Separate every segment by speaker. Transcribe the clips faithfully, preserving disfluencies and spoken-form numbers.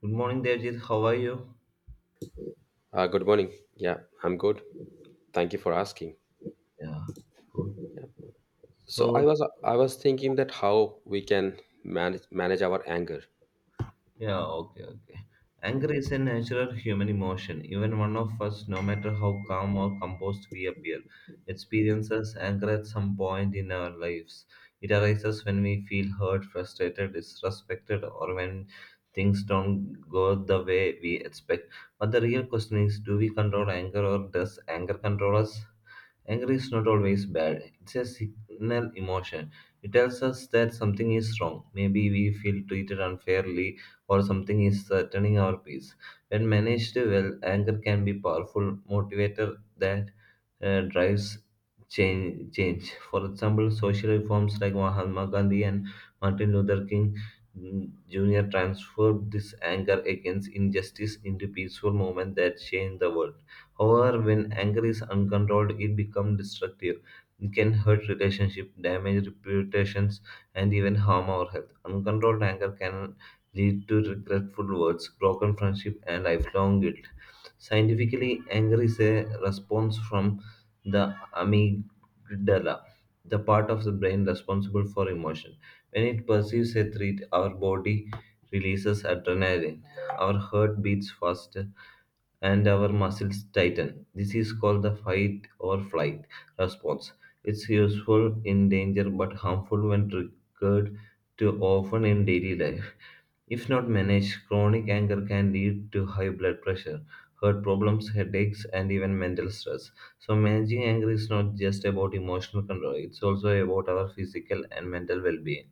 Speaker 1: Good morning, Devjit. How are you?
Speaker 2: Uh, good morning. Yeah, I'm good. Thank you for asking.
Speaker 1: Yeah, good.
Speaker 2: So I
Speaker 1: So,
Speaker 2: was I was thinking that how we can manage manage our anger.
Speaker 1: yeah, okay, okay. Anger is a natural human emotion. Even one of us, no matter how calm or composed we appear, experiences anger at some point in our lives. It arises when we feel hurt, frustrated, disrespected, or when things don't go the way we expect. But the real question is, do we control anger or does anger control us? Anger is not always bad. It's a signal emotion. It tells us that something is wrong. Maybe we feel treated unfairly or something is threatening our peace. When managed well, anger can be powerful motivator that uh, drives change, change. For example, social reforms like Mahatma Gandhi and Martin Luther King mm, Junior transformed this anger against injustice into peaceful movement that changed the world. However, when anger is uncontrolled, it becomes destructive. It can hurt relationships, damage reputations, and even harm our health. Uncontrolled anger can lead to regretful words, broken friendship, and lifelong guilt. Scientifically, anger is a response from the amygdala, the part of the brain responsible for emotion. When it perceives a threat, our body releases adrenaline, our heart beats faster, and our muscles tighten. This is called the fight or flight response. It's useful in danger but harmful when triggered too often in daily life. If not managed, chronic anger can lead to high blood pressure, heart problems, headaches, and even mental stress. So, managing anger is not just about emotional control, it's also about our physical and mental well being.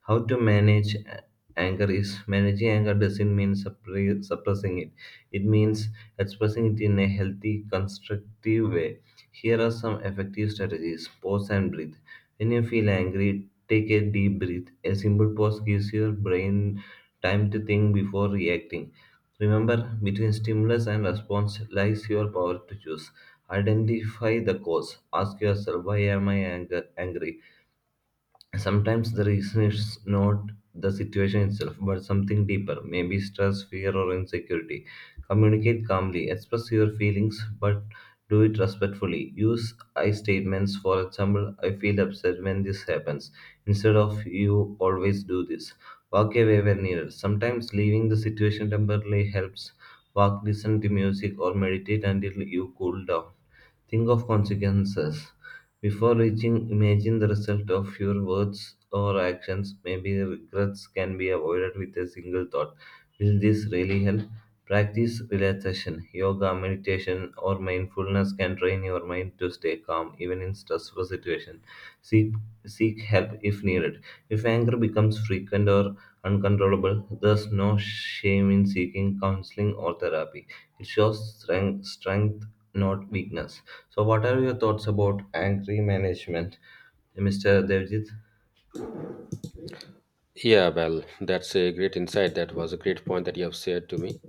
Speaker 1: How to manage a- anger is, managing anger doesn't mean suppre- suppressing it, it means expressing it in a healthy constructive way. Here are some effective strategies. Pause and breathe. When you feel angry, take a deep breath. A simple pause gives your brain time to think before reacting. Remember, between stimulus and response lies your power to choose. Identify the cause. Ask yourself, why am i anger- angry? Sometimes the reason is not the situation itself, but something deeper, maybe stress, fear, or insecurity. Communicate calmly, express your feelings, but do it respectfully. Use I statements, for example, I feel upset when this happens, instead of you always do this. Walk away when needed. Sometimes leaving the situation temporarily helps. Walk, listen to music, or meditate until you cool down. Think of consequences. Before reaching, imagine the result of your words or actions. Maybe regrets can be avoided with a single thought. Will this really help? Practice relaxation, yoga, meditation, or mindfulness can train your mind to stay calm even in stressful situations. Seek, seek help if needed. If anger becomes frequent or uncontrollable, there's no shame in seeking counseling or therapy. It shows strength, strength not weakness. So, what are your thoughts about angry management, Mister Devjit?
Speaker 2: Yeah, well, that's a great insight. That was a great point that you have shared to me.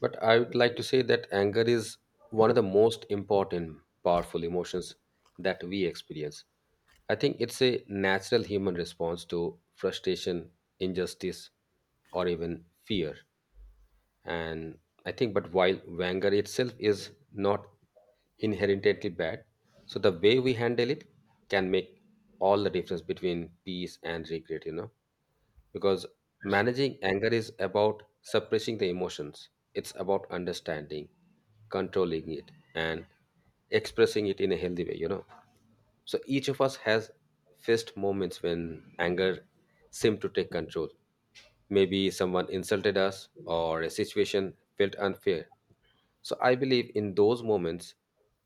Speaker 2: But I would like to say that anger is one of the most important, powerful emotions that we experience. I think it's a natural human response to frustration, injustice, or even fear. And I think, but while Wenger itself is not inherently bad, so the way we handle it can make all the difference between peace and regret, you know, because managing anger is about suppressing the emotions. It's about understanding, controlling it, and expressing it in a healthy way, you know. So each of us has faced moments when anger seemed to take control. Maybe someone insulted us or a situation felt unfair. So I believe in those moments,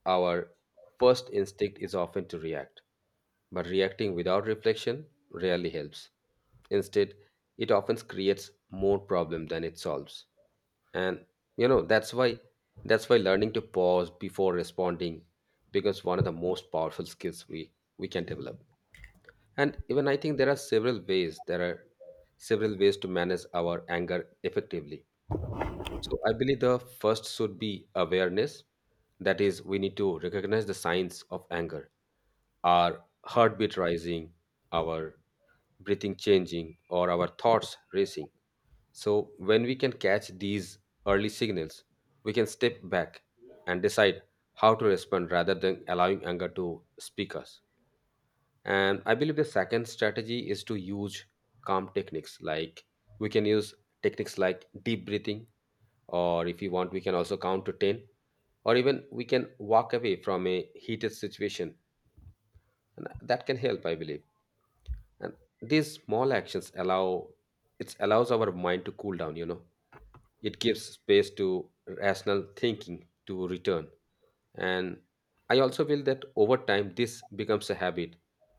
Speaker 2: our first instinct is often to react. But reacting without reflection rarely helps. Instead, it often creates more problem than it solves. And you know that's why that's why learning to pause before responding becomes one of the most powerful skills we we can develop. And even I think there are several ways there are several ways to manage our anger effectively. So I believe the first should be awareness, that is, we need to recognize the signs of anger: our heartbeat rising, our breathing changing, or our thoughts racing. So when we can catch these early signals, we can step back and decide how to respond rather than allowing anger to speak us. And I believe the second strategy is to use calm techniques. Like, we can use techniques like deep breathing, or if you want, we can also count to ten, or even we can walk away from a heated situation. And that can help, I believe. And these small actions allow it allows our mind to cool down, you know. It gives space to rational thinking to return. And I also feel that over time, this becomes a habit,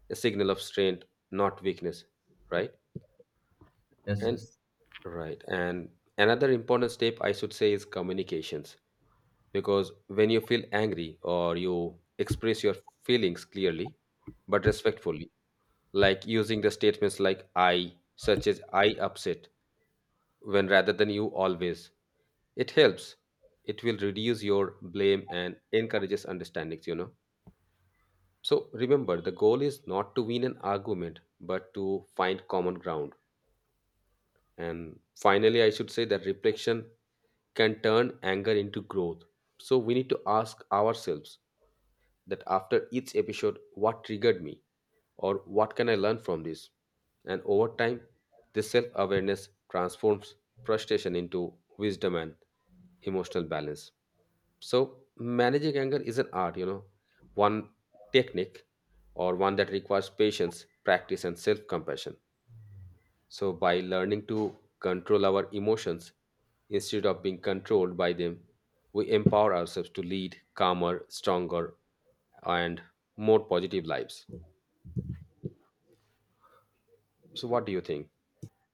Speaker 2: a signal of strength, not weakness, right?
Speaker 1: Yes,
Speaker 2: And
Speaker 1: yes.
Speaker 2: right. And another important step I should say is communications. Because when you feel angry, or you express your feelings clearly but respectfully, like using the statements like I, such as I upset, when rather than you always, it helps, it will reduce your blame and encourages understandings, you know. So remember, the goal is not to win an argument but to find common ground. And finally I should say that reflection can turn anger into growth. So we need to ask ourselves that after each episode, what triggered me or what can I learn from this. And over time, this self awareness transforms frustration into wisdom and emotional balance. So managing anger is an art, you know, one technique, or one that requires patience, practice, and self compassion. So by learning to control our emotions instead of being controlled by them, we empower ourselves to lead calmer, stronger, and more positive lives. So what do you think?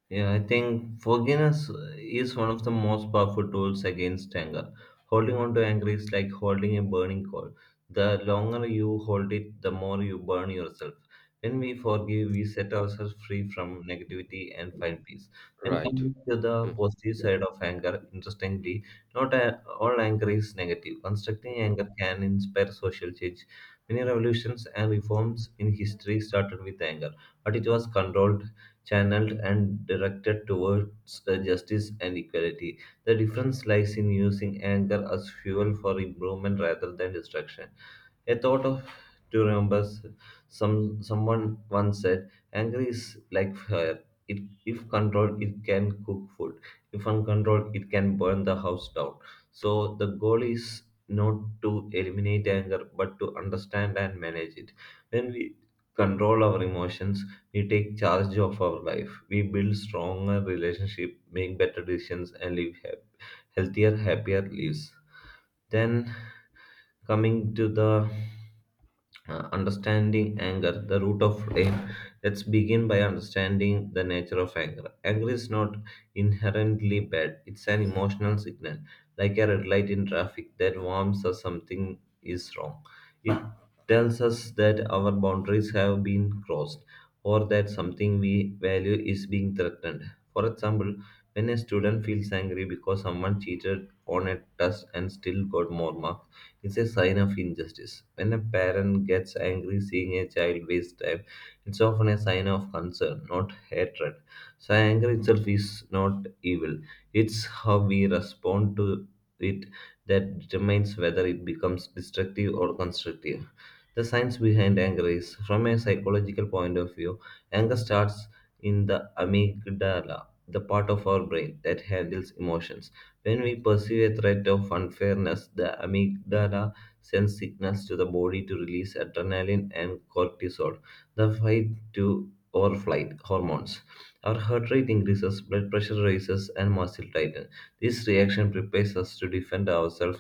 Speaker 1: Yeah, I think forgiveness is one of the most powerful tools against anger. Holding on to anger is like holding a burning coal. The longer you hold it, the more you burn yourself. When we forgive, we set ourselves free from negativity and find peace. And
Speaker 2: Right.
Speaker 1: coming to the
Speaker 2: Mhm.
Speaker 1: positive side of anger, interestingly, not a- all anger is negative. Constructing anger can inspire social change. Many revolutions and reforms in history started with anger, but it was controlled, channeled and directed towards uh, justice and equality. The difference lies in using anger as fuel for improvement rather than destruction. A thought of to remember, some someone once said, anger is like fire. It, if controlled, it can cook food. If uncontrolled, it can burn the house down. So the goal is not to eliminate anger, but to understand and manage it. When we control our emotions, we take charge of our life. We build stronger relationship, make better decisions, and live hap- healthier, happier lives. Then coming to the uh, understanding anger, the root of aim. Let's begin by understanding the nature of anger. Anger is not inherently bad, it's an emotional signal, like a red light in traffic that warns us something is wrong. It tells us that our boundaries have been crossed or that something we value is being threatened. For example, when a student feels angry because someone cheated on a test and still got more marks, is a sign of injustice. When a parent gets angry seeing a child waste time, it's often a sign of concern, not hatred. So, anger itself is not evil, it's how we respond to it that determines whether it becomes destructive or constructive. The science behind anger is, from a psychological point of view, anger starts in the amygdala, the part of our brain that handles emotions. When we perceive a threat of unfairness, the amygdala sends signals to the body to release adrenaline and cortisol, the fight to or flight hormones. Our heart rate increases, blood pressure rises, and muscle tightens. This reaction prepares us to defend ourselves.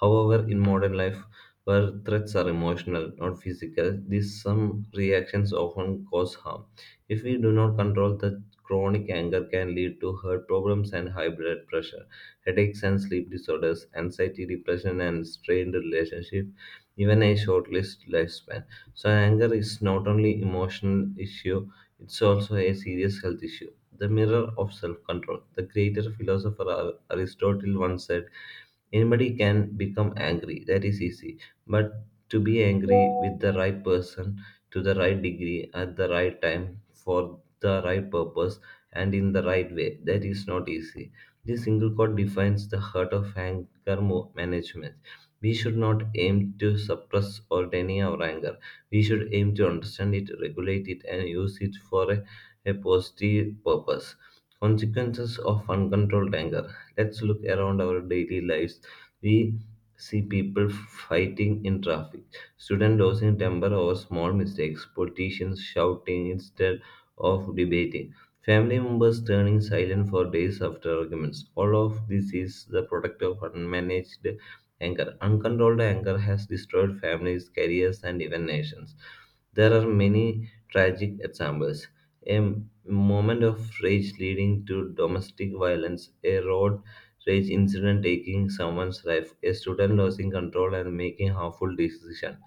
Speaker 1: However, in modern life, where threats are emotional, not physical, these some reactions often cause harm. If we do not control the chronic anger, can lead to heart problems and high blood pressure, headaches and sleep disorders, anxiety, depression, and strained relationship, even a short lived lifespan. So anger is not only emotional issue, it's also a serious health issue. The mirror of self-control. The greater philosopher Ar- Aristotle once said, anybody can become angry, that is easy. But to be angry with the right person, to the right degree, at the right time, for the right purpose, and in the right way, that is not easy. This single quote defines the heart of anger mo- management. We should not aim to suppress or deny our anger. We should aim to understand it, regulate it, and use it for a, a positive purpose. Consequences of uncontrolled anger. Let's look around our daily lives. We see people fighting in traffic, students losing temper over small mistakes, politicians shouting instead of debating, family members turning silent for days after arguments. All of this is the product of unmanaged anger. Uncontrolled anger has destroyed families, careers, and even nations. There are many tragic examples. A moment of rage leading to domestic violence, a road rage incident taking someone's life, a student losing control and making harmful decisions,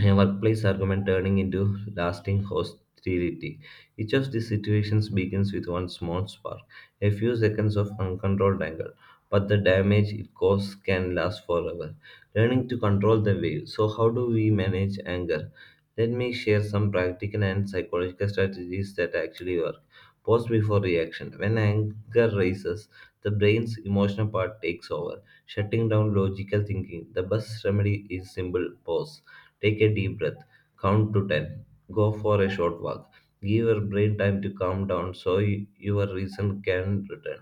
Speaker 1: a workplace argument turning into lasting hostility. Each of these situations begins with one small spark, a few seconds of uncontrolled anger, but the damage it causes can last forever. Learning to control the wave. So, how do we manage anger? Let me share some practical and psychological strategies that actually work. Pause before reaction. When anger rises, the brain's emotional part takes over, shutting down logical thinking. The best remedy is simple pause. Take a deep breath, count to ten, go for a short walk. Give your brain time to calm down so y- your reason can return.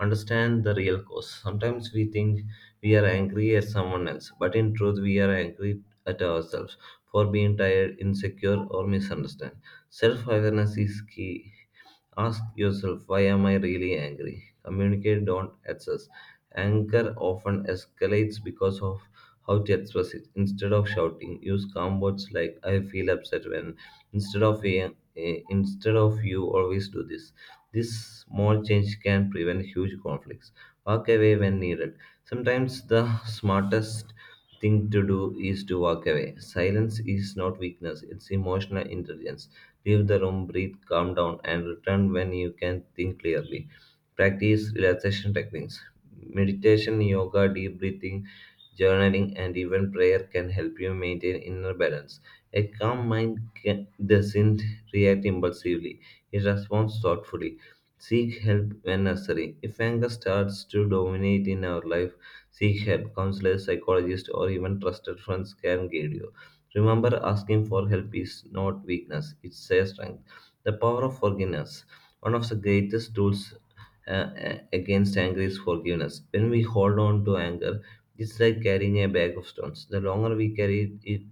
Speaker 1: Understand the real cause. Sometimes we think we are angry at someone else, but in truth, we are angry at ourselves for being tired, insecure, or misunderstood. Self awareness is key. Ask yourself, why am I really angry? Communicate, don't access. Anger often escalates because of how to express it. Instead of shouting, use calm words like "I feel upset when," instead of "Eh, eh, "instead of you always do this." This small change can prevent huge conflicts. Walk away when needed. Sometimes the smartest thing to do is to walk away. Silence is not weakness; it's emotional intelligence. Leave the room, breathe, calm down, and return when you can think clearly. Practice relaxation techniques. Meditation, yoga, deep breathing, journaling, and even prayer can help you maintain inner balance. A calm mind can, doesn't react impulsively, it responds thoughtfully. Seek help when necessary. If anger starts to dominate in our life, seek help. Counselors, psychologists, or even trusted friends can guide you. Remember, asking for help is not weakness, it's a strength. The power of forgiveness. One of the greatest tools uh, a- against anger is forgiveness. When we hold on to anger, it's like carrying a bag of stones. The longer we carry it, it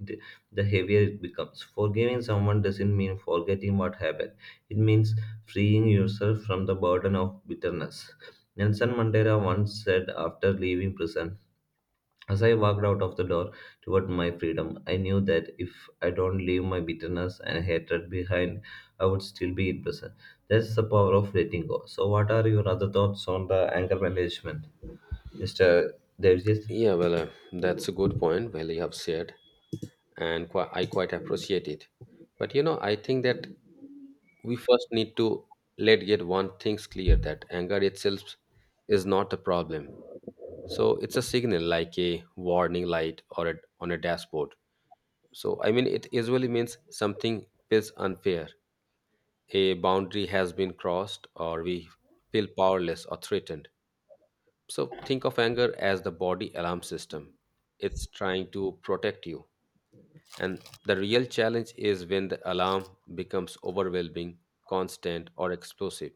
Speaker 1: the the heavier it becomes. Forgiving someone doesn't mean forgetting what happened. It means freeing yourself from the burden of bitterness. Nelson Mandela once said after leaving prison, as I walked out of the door toward my freedom, I knew that if I don't leave my bitterness and hatred behind, I would still be in prison. That's the power of letting go. So, what are your other thoughts on the anger management, Mister Devjit?
Speaker 2: Yeah, well, uh, that's a good point. Well, you have said, and qui- I quite appreciate it. But you know, I think that we first need to let get one things clear that anger itself is not a problem. So it's a signal, like a warning light or a, on a dashboard. So I mean, it usually means something feels unfair, a boundary has been crossed, or we feel powerless or threatened. So think of anger as the body alarm system. It's trying to protect you. And the real challenge is when the alarm becomes overwhelming, constant, or explosive.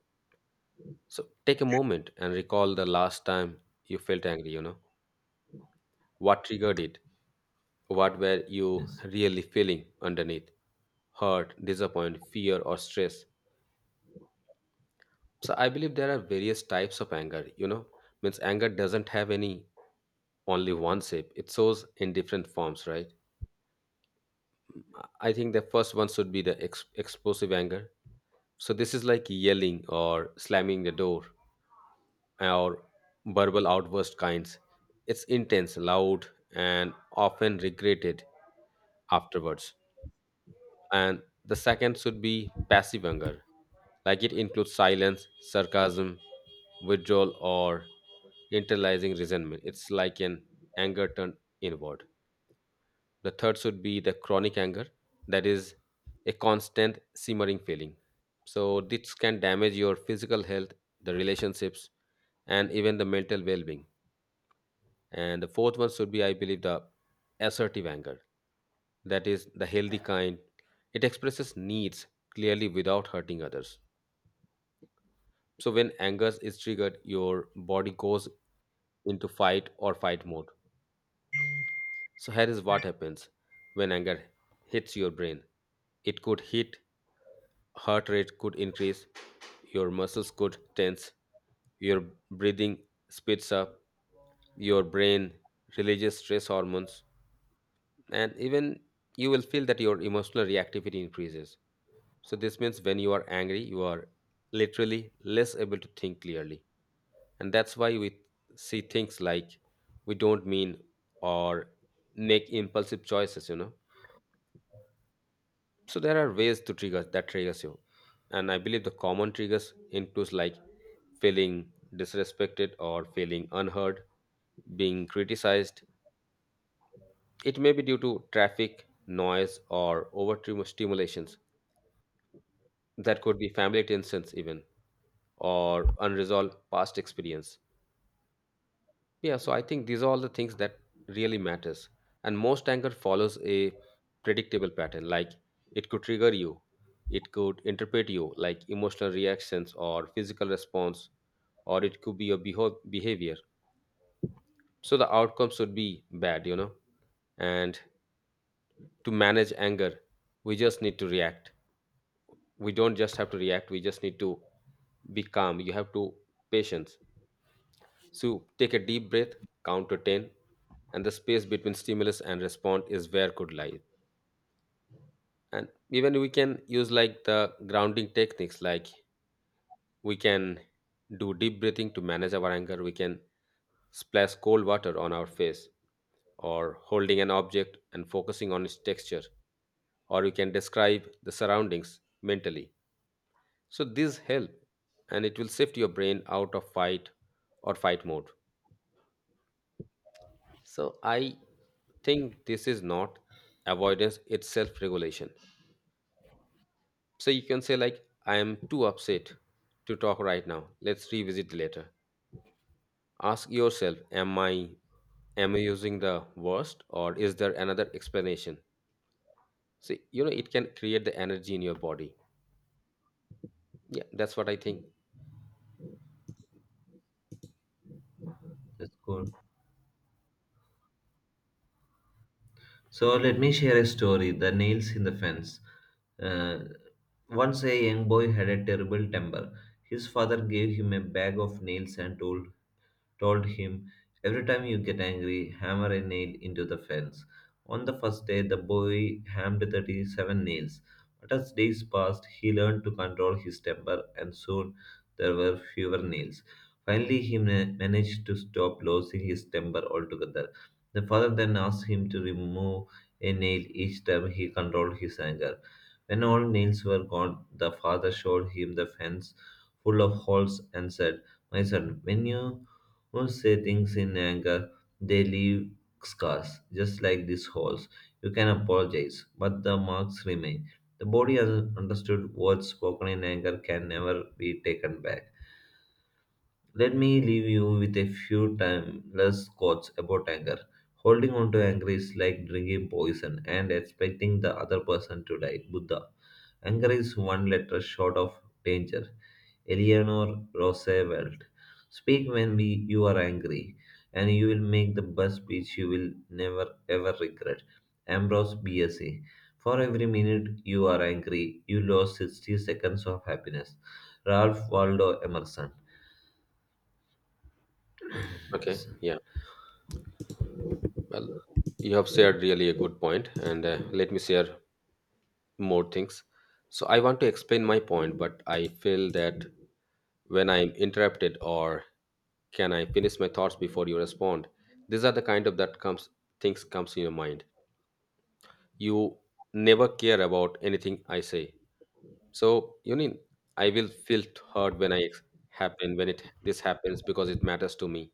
Speaker 2: So take a moment and recall the last time you felt angry, you know. What triggered it? What were you
Speaker 1: Yes,
Speaker 2: really feeling underneath? Hurt, disappointment, fear, or stress. So I believe there are various types of anger, you know. Means anger doesn't have any only one shape. It shows in different forms, right? I think the first one should be the ex- explosive anger. So this is like yelling or slamming the door, or verbal outburst kinds. It's intense, loud, and often regretted afterwards. And the second should be passive anger, like it includes silence, sarcasm, withdrawal, or internalizing resentment. It's like an anger turned inward. The third should be the chronic anger, that is a constant simmering feeling. So this can damage your physical health, the relationships, and even the mental well being. And the fourth one should be, I believe, the assertive anger. That is the healthy kind. It expresses needs clearly without hurting others. So when anger is triggered, your body goes into fight or fight mode. So here is what happens when anger hits your brain. It could hit, heart rate could increase, your muscles could tense, your breathing speeds up, your brain releases stress hormones, and even you will feel that your emotional reactivity increases. So this means when you are angry, you are literally less able to think clearly. And that's why we see things like we don't mean, or make impulsive choices, you know. So there are ways to trigger that triggers you. And I believe the common triggers includes like feeling disrespected or feeling unheard, being criticized, it may be due to traffic noise or over stimulation, that could be family tensions even, or unresolved past experience. Yeah, so I think these are all the things that really matters. And most anger follows a predictable pattern, like it could trigger you, it could interpret you like emotional reactions or physical response, or it could be your beho- behavior. So the outcomes would be bad, you know. And to manage anger, we just need to react, we don't just have to react, we just need to be calm. You have to patience. So take a deep breath, count to ten, and the space between stimulus and response is where could lie. And even we can use like the grounding techniques, like we can do deep breathing to manage our anger, we can splash cold water on our face, or holding an object and focusing on its texture, or you can describe the surroundings mentally. So these help, and it will shift your brain out of fight or fight mode. So I think this is not avoidance, it's self regulation. So you can say, like, I am too upset to talk right now. Let's revisit later. Ask yourself, am I am I using the worst or is there another explanation? See, you know, it can create the energy in your body. Yeah, that's what I think.
Speaker 1: that's cool. So, let me share a story, The Nails in the Fence. Uh, Once a young boy had a terrible temper. His father gave him a bag of nails and told told him, every time you get angry, hammer a nail into the fence. On the first day, the boy hammed thirty-seven nails. But as days passed, he learned to control his temper, and soon there were fewer nails. Finally, he ma- managed to stop losing his temper altogether. The father then asked him to remove a nail each time he controlled his anger. When all nails were gone, the father showed him the fence full of holes and said, My son, when you once say things in anger, they leave scars, just like these holes. You can apologize, but the marks remain. The body has understood words spoken in anger can never be taken back. Let me leave you with a few timeless quotes about anger. Holding on to anger is like drinking poison and expecting the other person to die. Buddha. Anger is one letter short of danger. Eleanor Roosevelt. Speak when we, you are angry, and you will make the best speech you will never ever regret. Ambrose Bierce. For every minute you are angry, you lost sixty seconds of happiness. Ralph Waldo Emerson.
Speaker 2: Okay, yeah. Well, you have shared really a good point, and uh, let me share more things. So I want to explain my point, but I feel that when I'm interrupted, or can I finish my thoughts before you respond? These are the kind of that comes things comes in your mind. You never care about anything I say. So you need I will feel hurt when I happen when it this happens because it matters to me.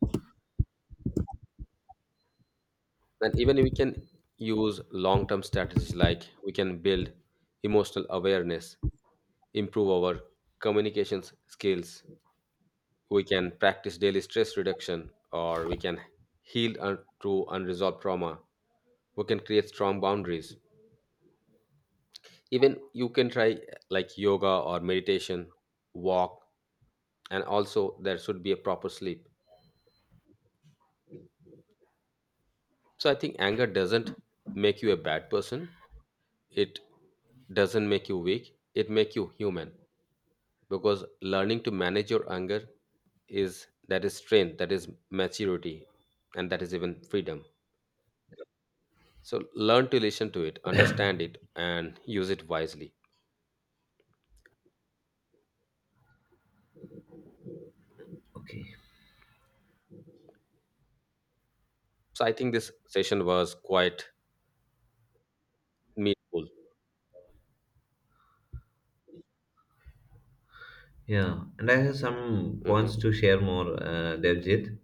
Speaker 2: And even we can use long term strategies, like we can build emotional awareness, improve our communications skills, we can practice daily stress reduction, or we can heal un- through unresolved trauma, we can create strong boundaries, even you can try uh, like yoga or meditation, walk, and also there should be a proper sleep. So I think anger doesn't make you a bad person, it doesn't make you weak, it make you human. Because learning to manage your anger is that is strength, that is maturity, and that is even freedom. So learn to listen to it, understand it, and use it wisely.
Speaker 1: Okay.
Speaker 2: So I think this session was quite meaningful.
Speaker 1: Yeah, and I have some points
Speaker 2: Mhm.
Speaker 1: to share more, uh, Devjit.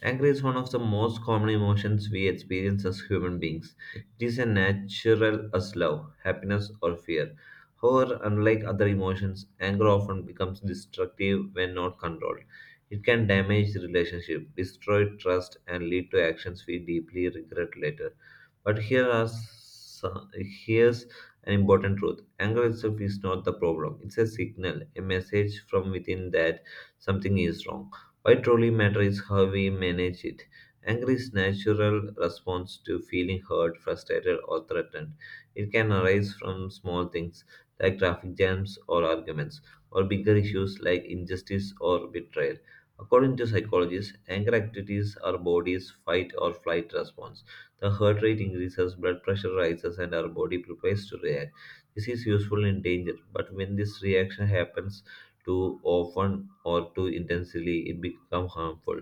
Speaker 1: Anger is one of the most common emotions we experience as human beings. It is as natural as love, happiness, or fear. However, unlike other emotions, anger often becomes destructive when not controlled. It can damage relationships, destroy trust, and lead to actions we deeply regret later. But here are some, here's an important truth: anger itself is not the problem. It's a signal, a message from within that something is wrong. What truly matters is how we manage it. Anger is natural response to feeling hurt, frustrated, or threatened. It can arise from small things like traffic jams or arguments, or bigger issues like injustice or betrayal. According to psychologists, anger activities our body's fight or flight response. The heart rate increases, blood pressure rises, and our body prepares to react. This is useful in danger, but when this reaction happens too often, or too intensely, it becomes harmful.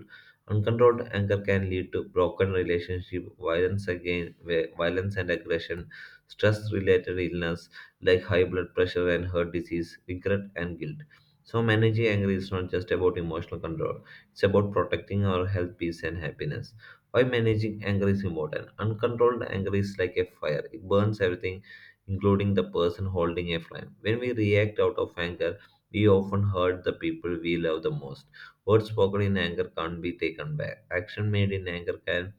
Speaker 1: Uncontrolled anger can lead to broken relationship, violence again, vi- violence and aggression, stress-related illness like high blood pressure and heart disease, regret and guilt. So managing anger is not just about emotional control; it's about protecting our health, peace, and happiness. Why managing anger is important? Uncontrolled anger is like a fire; it burns everything, including the person holding a flame. When we react out of anger we often hurt the people we love the most. Words spoken in anger can't be taken back. Action made in anger can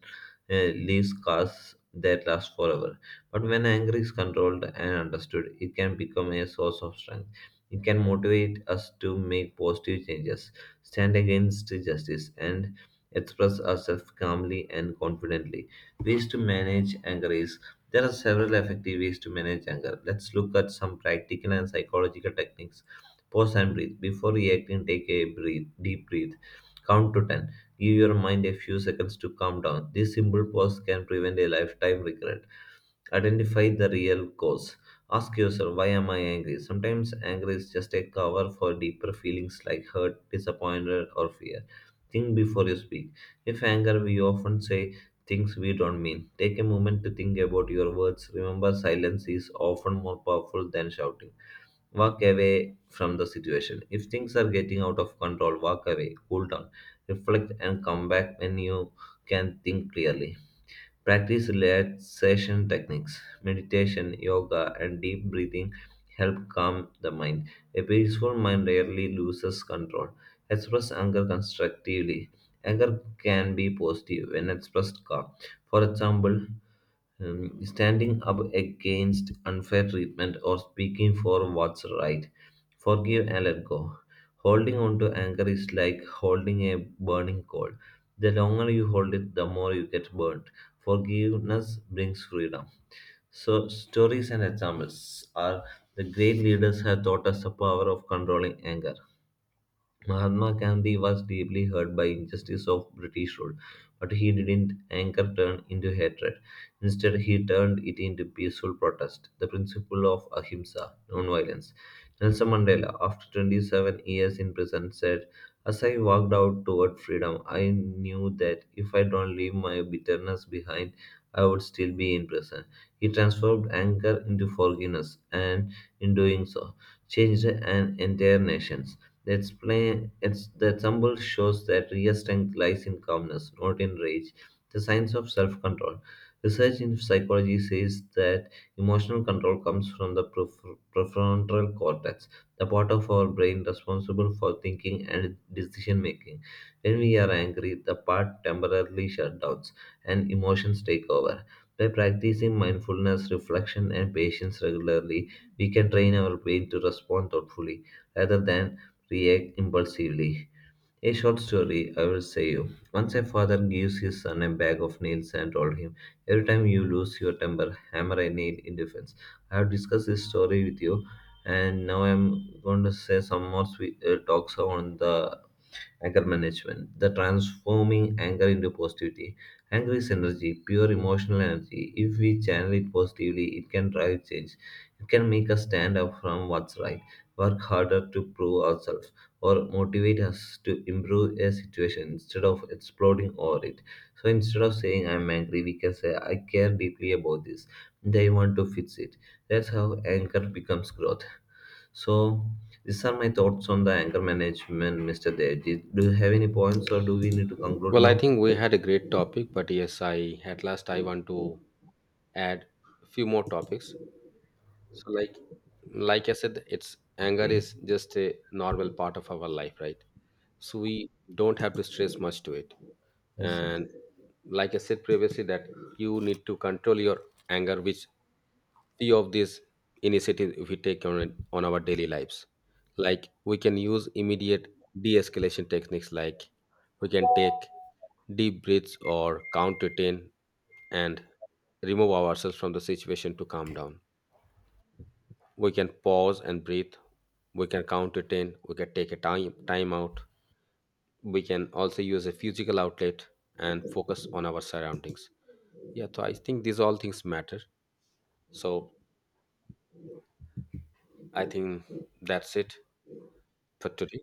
Speaker 1: uh, leave scars that last forever. But when anger is controlled and understood, it can become a source of strength. It can motivate us to make positive changes, stand against injustice, and express ourselves calmly and confidently. Ways to manage anger is there are several effective ways to manage anger. Let's look at some practical and psychological techniques. Pause and breathe. Before reacting, take a breathe, deep breath. Count to ten. Give your mind a few seconds to calm down. This simple pause can prevent a lifetime regret. Identify the real cause. Ask yourself, why am I angry? Sometimes anger is just a cover for deeper feelings like hurt, disappointment, or fear. Think before you speak. If anger, we often say things we don't mean. Take a moment to think about your words. Remember, silence is often more powerful than shouting. Walk away from the situation. If things are getting out of control, walk away, cool down, reflect, and come back when you can think clearly. Practice relaxation techniques, meditation, yoga, and deep breathing help calm the mind. A peaceful mind rarely loses control. Express anger constructively. Anger can be positive when expressed calm. For example, um, standing up against unfair treatment or speaking for what's right. Forgive and let go. Holding on to anger is like holding a burning coal. The longer you hold it, the more you get burnt. Forgiveness brings freedom. So, stories and examples are the great leaders have taught us the power of controlling anger. Mahatma Gandhi was deeply hurt by injustice of British rule, but he didn't anger turn into hatred. Instead, he turned it into peaceful protest, the principle of ahimsa, non-violence. Nelson Mandela, after twenty-seven years in prison, said, "As I walked out toward freedom, I knew that if I don't leave my bitterness behind, I would still be in prison." He transformed anger into forgiveness, and in doing so, changed an entire nation. The, explain, it's, the example shows that real strength lies in calmness, not in rage. The science of self control. Research in psychology says that emotional control comes from the pref- prefrontal cortex, the part of our brain responsible for thinking and decision making. When we are angry, the part temporarily shuts down and emotions take over. By practicing mindfulness, reflection, and patience regularly, we can train our brain to respond thoughtfully rather than react impulsively. A short story, I will say you. Once a father gives his son a bag of nails and told him, Every time you lose your temper, hammer a nail in defense. I have discussed this story with you, and now I'm going to say some more sweet uh, talks on the anger management, the transforming anger into positivity. Anger is energy, pure emotional energy. If we channel it positively, it can drive change. It can make us stand up from what's right, work harder to prove ourselves, or motivate us to improve a situation instead of exploding over it. So instead of saying I'm angry, we can say I care deeply about this. And I want to fix it. That's how anger becomes growth. So these are my thoughts on the anger management, mister Dev. Did- Do you have any points or do we need to conclude
Speaker 2: Well, I
Speaker 1: now?
Speaker 2: think we had a great topic, but yes, I at last I want to add a few more topics. So like like I said, it's anger
Speaker 1: Okay.
Speaker 2: is just a normal part of our life, right? So we don't have to stress much to it.
Speaker 1: Yes, sir.
Speaker 2: And like I said previously, that you need to control your anger, which few of these initiatives if we take on it- on our daily lives, like we can use immediate de-escalation techniques, like we can take deep breaths or count to ten and remove ourselves from the situation to calm down, we can pause and breathe, we can count to ten, we can take a time time out, we can also use a physical outlet and focus on our surroundings. Yeah, so I think these all things matter. So I think that's it for today.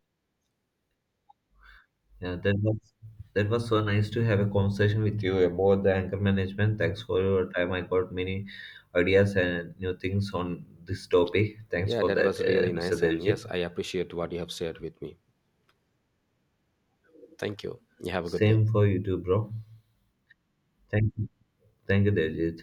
Speaker 1: Yeah, that was that was so nice to have a conversation with you about the anger management. Thanks for your time. I got many ideas and new things on this topic. Thanks
Speaker 2: Yeah,
Speaker 1: for
Speaker 2: that
Speaker 1: that,
Speaker 2: was
Speaker 1: uh,
Speaker 2: really
Speaker 1: mister
Speaker 2: nice. And
Speaker 1: Devjit.
Speaker 2: yes, I appreciate what you have shared with me. Thank you. You have a good day.
Speaker 1: Same for you too, bro. Thank you. Thank you, Devjit.